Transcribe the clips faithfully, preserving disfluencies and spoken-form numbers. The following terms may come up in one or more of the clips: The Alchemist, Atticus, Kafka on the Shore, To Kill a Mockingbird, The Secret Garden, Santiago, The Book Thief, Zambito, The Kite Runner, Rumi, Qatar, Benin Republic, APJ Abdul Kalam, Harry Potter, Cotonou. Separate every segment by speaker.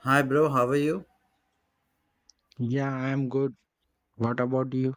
Speaker 1: Hi, bro. How are you?
Speaker 2: Yeah, I'm good. What about you?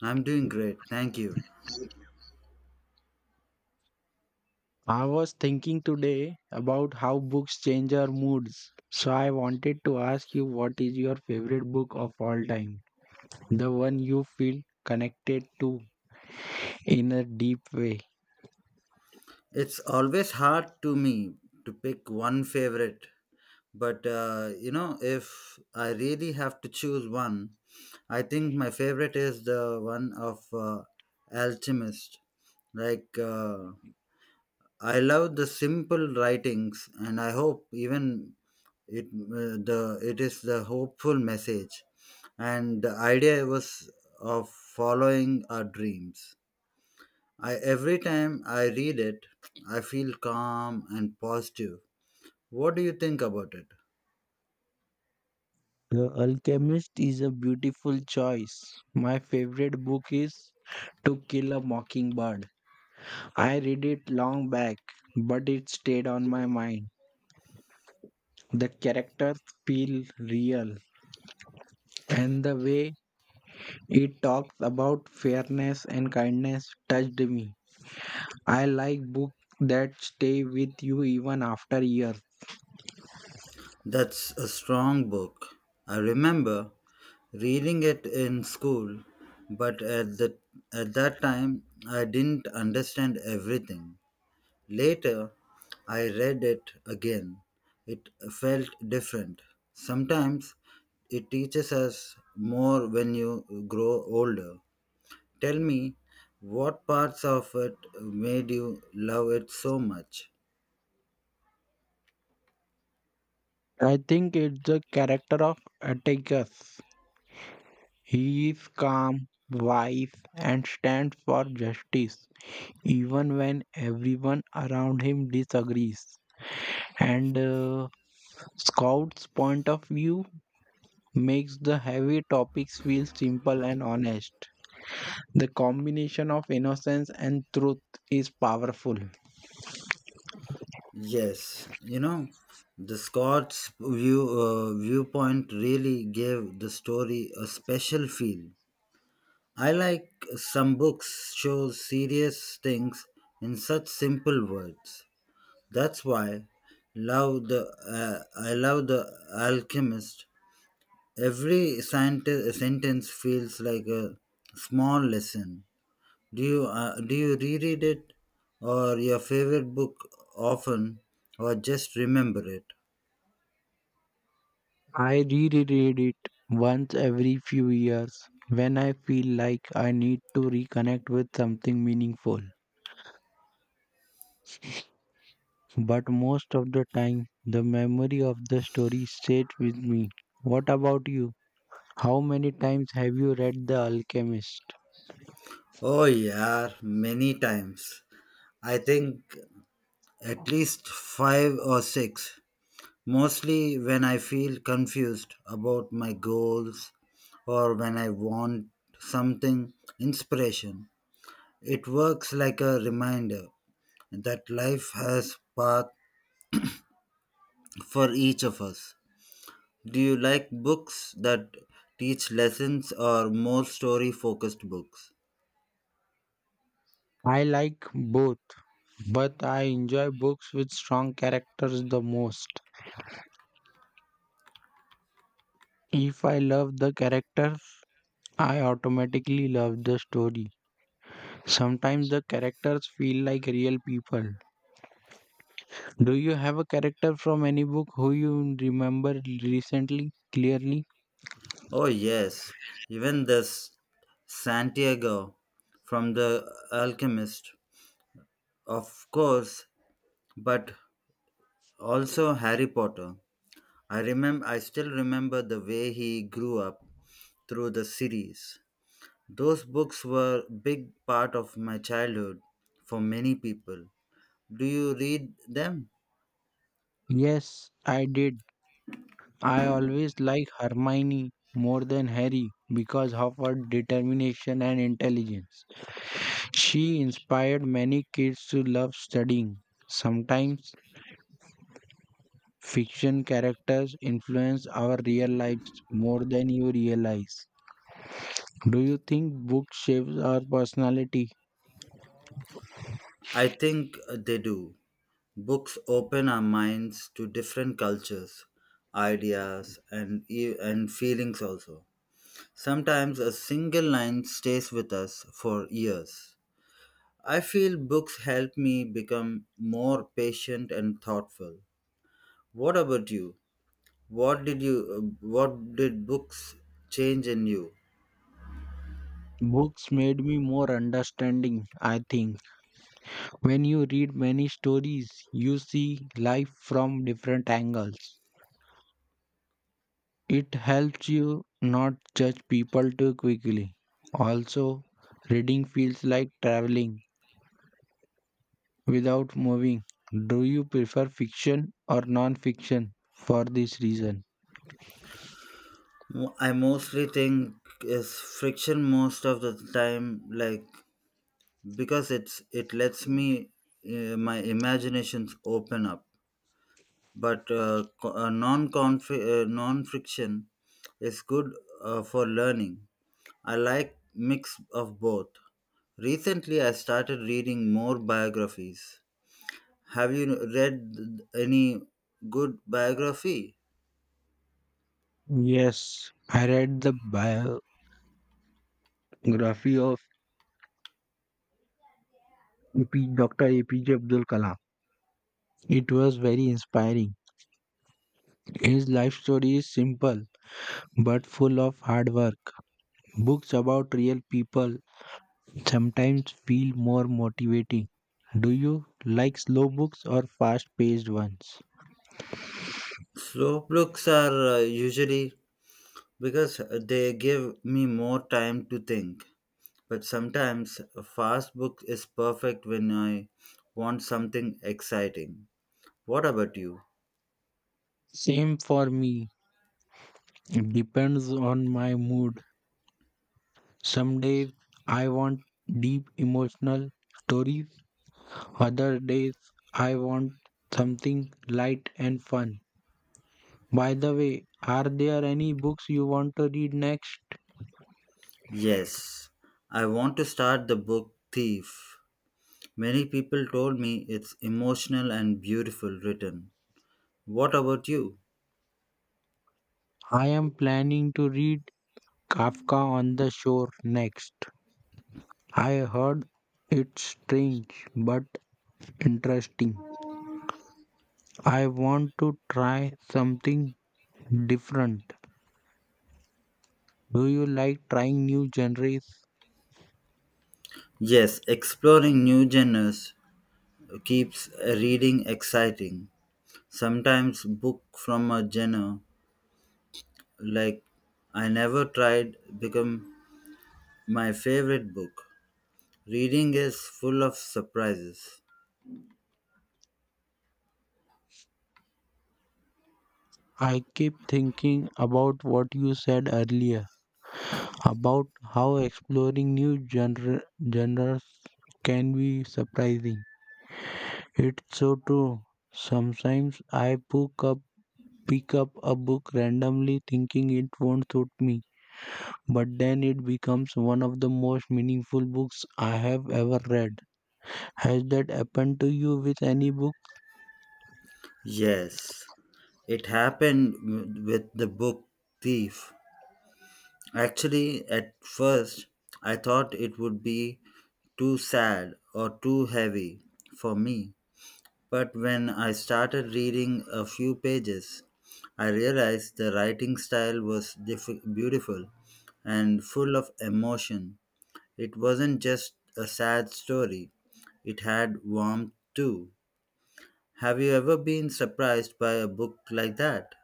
Speaker 1: I'm doing great. Thank you.
Speaker 2: I was thinking today about how books change our moods. So I wanted to ask you, what is your favorite book of all time? The one you feel connected to in a deep way.
Speaker 1: It's always hard to me to pick one favorite, but uh, you know, if I really have to choose one, I think my favorite is the one of uh, Alchemist. Like, uh, I love the simple writings, and I hope even it uh, the it is the hopeful message, and the idea was of following our dreams. I every time I read it, I feel calm and positive. What do you think about it?
Speaker 2: The Alchemist is a beautiful choice. My favorite book is To Kill a Mockingbird. I read it long back, but it stayed on my mind. The characters feel real, and the way it talks about fairness and kindness touched me. I like books that stay with you even after years.
Speaker 1: That's a strong book. I remember reading it in school, but at the at that time I didn't understand everything. Later, I read it again. It felt different. Sometimes it teaches us more when you grow older. Tell me, what parts of it made you love it so much?
Speaker 2: I think it's the character of Atticus. He is calm, wise, and stands for justice, even when everyone around him disagrees. And uh, Scout's point of view makes the heavy topics feel simple and honest. The combination of innocence and truth is powerful.
Speaker 1: Yes, you know, the Scots view, uh, viewpoint really gave the story a special feel. I like some books show serious things in such simple words. That's why love the uh, I love the alchemist. Every scientist, sentence feels like a small lesson. Do you uh, do you reread it or your favorite book often or just remember it?
Speaker 2: I reread it once every few years when I feel like I need to reconnect with something meaningful. But most of the time, the memory of the story stays with me. What about you? How many times have you read The Alchemist?
Speaker 1: Oh yeah, many times. I think at least five or six. Mostly when I feel confused about my goals or when I want something inspiration. It works like a reminder that life has path for each of us. Do you like books that teach lessons or more story focused books?
Speaker 2: I like both, but I enjoy books with strong characters the most. If I love the character, I automatically love the story. Sometimes the characters feel like real people. Do you have a character from any book who you remember recently clearly?
Speaker 1: Oh, yes, even this Santiago from The Alchemist, of course, but also Harry Potter. I remember I still remember the way he grew up through the series. Those books were big part of my childhood for many people. Do you read them?
Speaker 2: Yes, I did. I always like Hermione more than Harry because of her determination and intelligence. She inspired many kids to love studying. Sometimes fiction characters influence our real lives more than you realize. Do you think books shapes our personality?
Speaker 1: I think they do. Books open our minds to different cultures, ideas, and, e- and feelings also. Sometimes a single line stays with us for years. I feel books help me become more patient and thoughtful. What about you? What did you uh, what did books change in you?
Speaker 2: Books made me more understanding, I think. When you read many stories, you see life from different angles. It helps you not judge people too quickly. Also, reading feels like traveling without moving. Do you prefer fiction or non fiction for this reason?
Speaker 1: Mo- I mostly think is friction most of the time, like because it's it lets me, uh, my imaginations open up, but uh, co- uh, non uh, non friction is good uh, for learning. I like mix of both. Recently I started reading more biographies. Have you read th- any good biography?
Speaker 2: Yes, I read the biography of A P, doctor A P J Abdul Kalam. It was very inspiring. His life story is simple but full of hard work. Books about real people sometimes feel more motivating. Do you like slow books or fast paced ones?
Speaker 1: Slow books are uh, usually, because they give me more time to think. But sometimes a fast book is perfect when I want something exciting. What about you?
Speaker 2: Same for me. It depends on my mood. Some days I want deep emotional stories, other days I want something light and fun. By the way, are there any books you want to read next?
Speaker 1: Yes, I want to start the book Thief. Many people told me it's emotional and beautiful written. What about you?
Speaker 2: I am planning to read Kafka on the Shore next. I heard it's strange but interesting. I want to try something different. Do you like trying new genres?
Speaker 1: Yes, exploring new genres keeps reading exciting. Sometimes book from a genre like I never tried become my favorite book. Reading is full of surprises.
Speaker 2: I keep thinking about what you said earlier about how exploring new genre, genres can be surprising. It's so true. Sometimes I pick up pick up a book randomly thinking it won't suit me, but then it becomes one of the most meaningful books I have ever read. Has that happened to you with any book?
Speaker 1: Yes, it happened w- with the book Thief. Actually, at first, I thought it would be too sad or too heavy for me. But when I started reading a few pages, I realized the writing style was diff- beautiful and full of emotion. It wasn't just a sad story, it had warmth too. Have you ever been surprised by a book like that?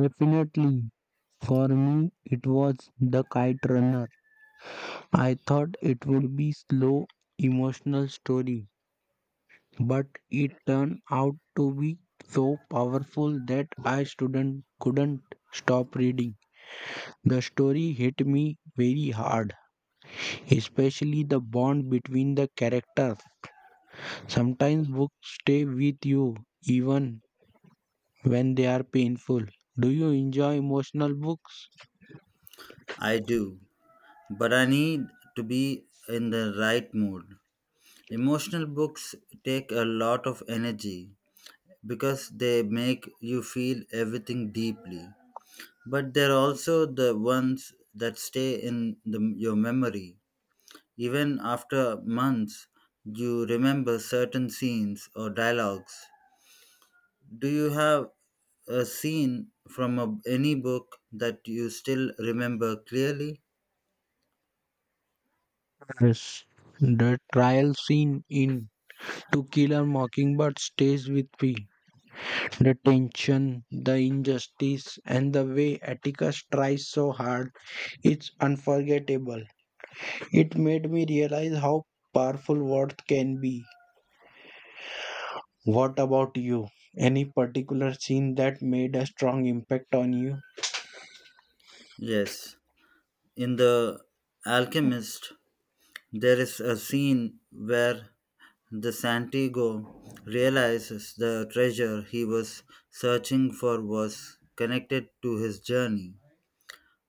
Speaker 2: Definitely. For me, it was The Kite Runner. I thought it would be slow, emotional story, but it turned out to be so powerful that I student couldn't stop reading. The story hit me very hard, especially the bond between the characters. Sometimes books stay with you even when they are painful. Do you enjoy emotional books?
Speaker 1: I do, but I need to be in the right mood. Emotional books take a lot of energy because they make you feel everything deeply, but they're also the ones that stay in the, your memory. Even after months, you remember certain scenes or dialogues. Do you have a scene from a, any book that you still remember clearly?
Speaker 2: Yes. The trial scene in To Kill a Mockingbird stays with me. The tension, the injustice, and the way Atticus tries so hard, it's unforgettable. It made me realize how powerful words can be. What about you? Any particular scene that made a strong impact on you?
Speaker 1: Yes. In The Alchemist, there is a scene where the Santiago realizes the treasure he was searching for was connected to his journey,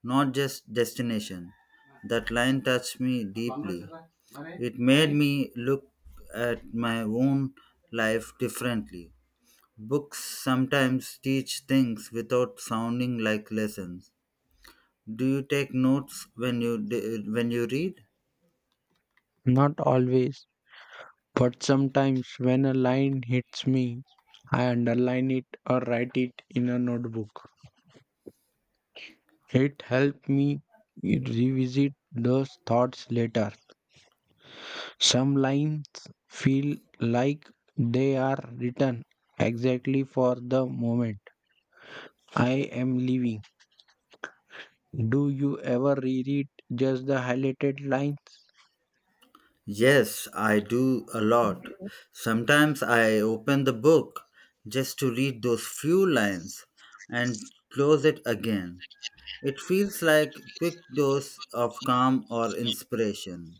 Speaker 1: not just destination. That line touched me deeply. It made me look at my own life differently. Books sometimes teach things without sounding like lessons. Do you take notes when you d- when you read?
Speaker 2: Not always. But sometimes when a line hits me, I underline it or write it in a notebook. It helps me revisit those thoughts later. Some lines feel like they are written exactly for the moment I am leaving. Do you ever reread just the highlighted lines?
Speaker 1: Yes, I do a lot. Sometimes I open the book just to read those few lines and close it again. It feels like quick dose of calm or inspiration.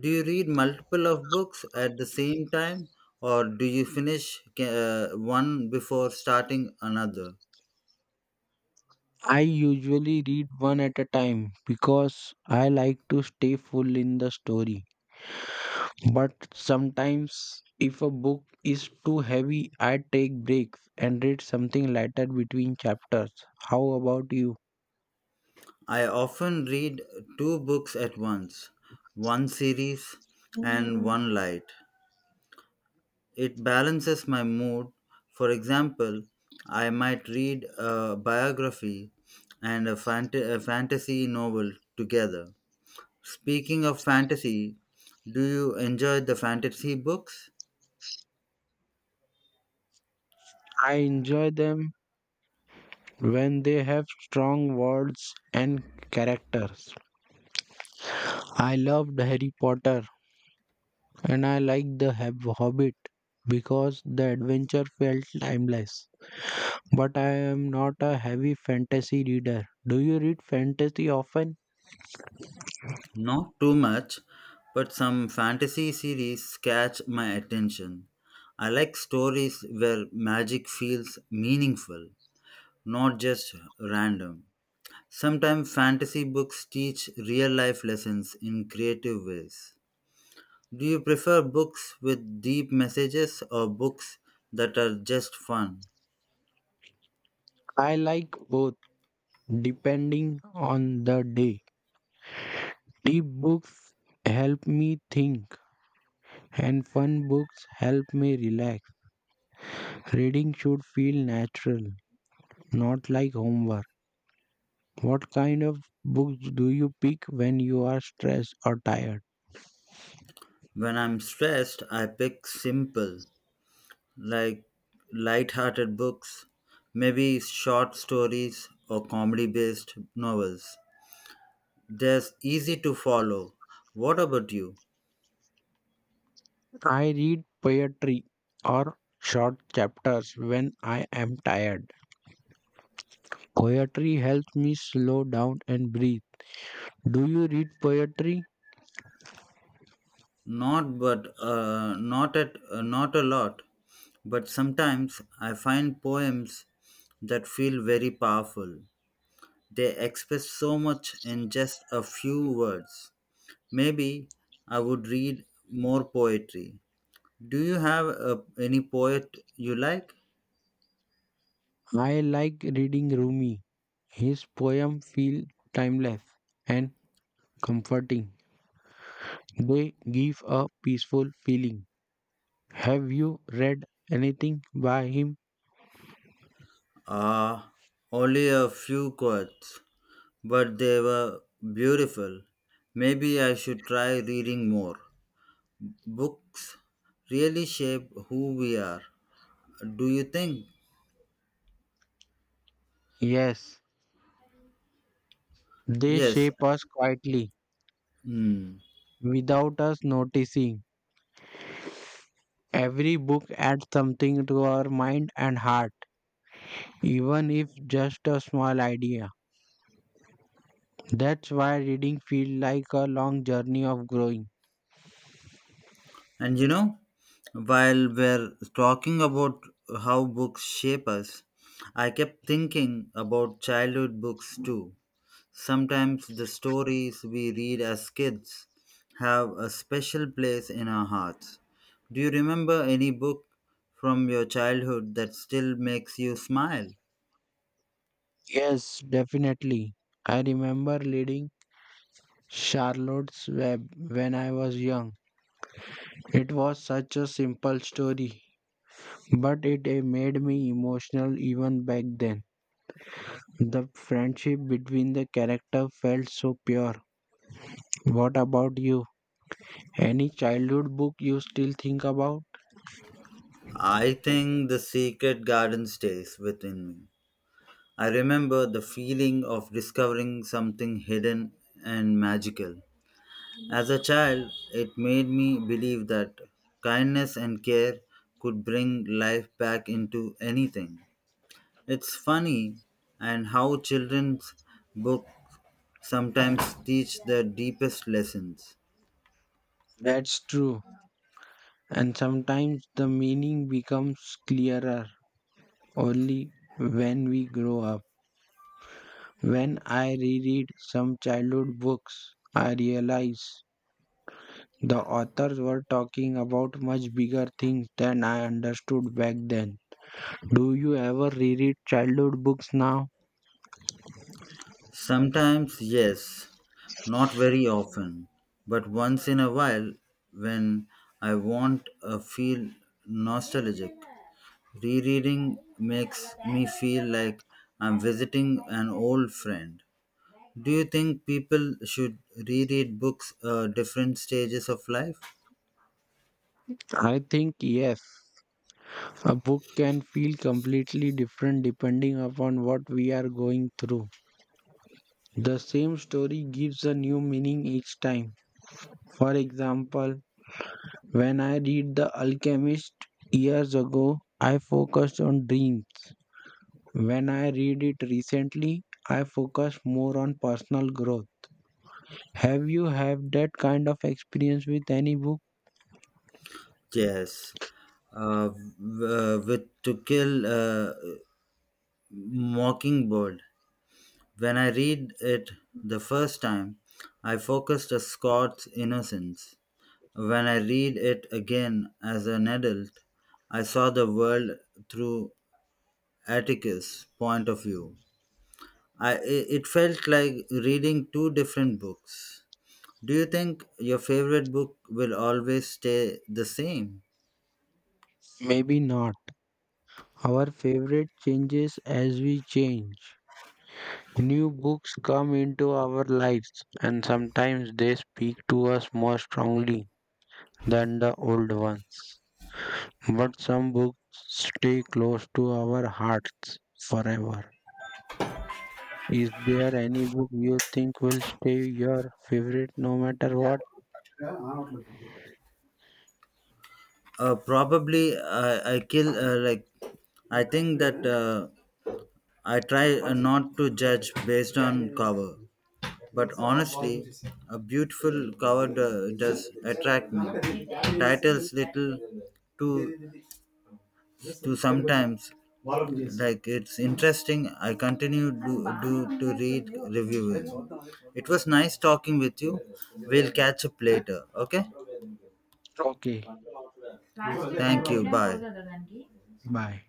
Speaker 1: Do you read multiple of books at the same time, or do you finish uh, one before starting another?
Speaker 2: I usually read one at a time because I like to stay full in the story. But sometimes, if a book is too heavy, I take breaks and read something lighter between chapters. How about you?
Speaker 1: I often read two books at once, one series and
Speaker 2: Mm,
Speaker 1: one light. It balances my mood. For example, I might read a biography and a, fant- a fantasy novel together. Speaking of fantasy, do you enjoy the fantasy books?
Speaker 2: I enjoy them when they have strong words and characters. I loved Harry Potter and I liked The Hob- Hobbit because the adventure felt timeless. But I am not a heavy fantasy reader. Do you read fantasy often?
Speaker 1: Not too much, but some fantasy series catch my attention. I like stories where magic feels meaningful, not just random. Sometimes fantasy books teach real life lessons in creative ways. Do you prefer books with deep messages or books that are just fun?
Speaker 2: I like both. Depending on the day, deep books help me think and fun books help me relax. Reading should feel natural, not like homework. What kind of books do you pick when you are stressed or tired?
Speaker 1: When I'm stressed, I pick simple, like light-hearted books, maybe short stories or comedy-based novels. They're easy to follow. What about you?
Speaker 2: I read poetry or short chapters when I am tired. Poetry helps me slow down and breathe. Do you read poetry?
Speaker 1: Not, but uh, not at uh, not a lot. But sometimes I find poems that feel very powerful. They express so much in just a few words. Maybe I would read more poetry. Do you have uh, any poet you like?
Speaker 2: I like reading Rumi. His poems feel timeless and comforting. They give a peaceful feeling. Have you read anything by him?
Speaker 1: Ah, only a few quotes, but they were beautiful. Maybe I should try reading more. Books really shape who we are, do you think?
Speaker 2: Yes, they
Speaker 1: Yes.
Speaker 2: shape us quietly
Speaker 1: Hmm.
Speaker 2: without us noticing. Every book adds something to our mind and heart, even if just a small idea. That's why reading feels like a long journey of growing.
Speaker 1: And you know, while we're talking about how books shape us, I kept thinking about childhood books too. Sometimes the stories we read as kids have a special place in our hearts. Do you remember any book from your childhood that still makes you smile?
Speaker 2: Yes, definitely. I remember reading Charlotte's Web when I was young. It was such a simple story, but it eh, made me emotional even back then. The friendship between the character felt so pure. What about you? Any childhood book you still think about?
Speaker 1: I think the secret garden stays within me. I remember the feeling of discovering something hidden and magical. As a child, it made me believe that kindness and care could bring life back into anything. It's funny and how children's books sometimes teach the deepest lessons.
Speaker 2: That's true. And sometimes the meaning becomes clearer only when we grow up. When I reread some childhood books, I realize the authors were talking about much bigger things than I understood back then. Do you ever reread childhood books now?
Speaker 1: Sometimes, yes, not very often, but once in a while when I want to feel nostalgic. Rereading makes me feel like I'm visiting an old friend. Do you think people should reread books at different stages of life?
Speaker 2: I think yes. A book can feel completely different depending upon what we are going through. The same story gives a new meaning each time. For example, when I read The Alchemist years ago, I focused on dreams. When I read it recently, I focus more on personal growth. Have you had that kind of experience with any book?
Speaker 1: Yes. Uh, w- uh, with To Kill a Mockingbird, when I read it the first time, I focused on Scott's innocence. When I read it again as an adult, I saw the world through Atticus' point of view. I, i- it felt like reading two different books. Do you think your favorite book will always stay the same?
Speaker 2: Maybe not. Our favorite changes as we change. New books come into our lives and sometimes they speak to us more strongly than the old ones. But some books stay close to our hearts forever. Is there any book you think will stay your favorite no matter what?
Speaker 1: Uh, probably I, I kill uh, like I think that uh, I try uh, not to judge based on cover. But honestly, a beautiful cover do- does attract me. Titles little to to sometimes like it's interesting. I continue do, do to read reviewers. It was nice talking with you. We'll catch up later. Okay.
Speaker 2: Okay,
Speaker 1: Thank you. Bye.
Speaker 2: bye.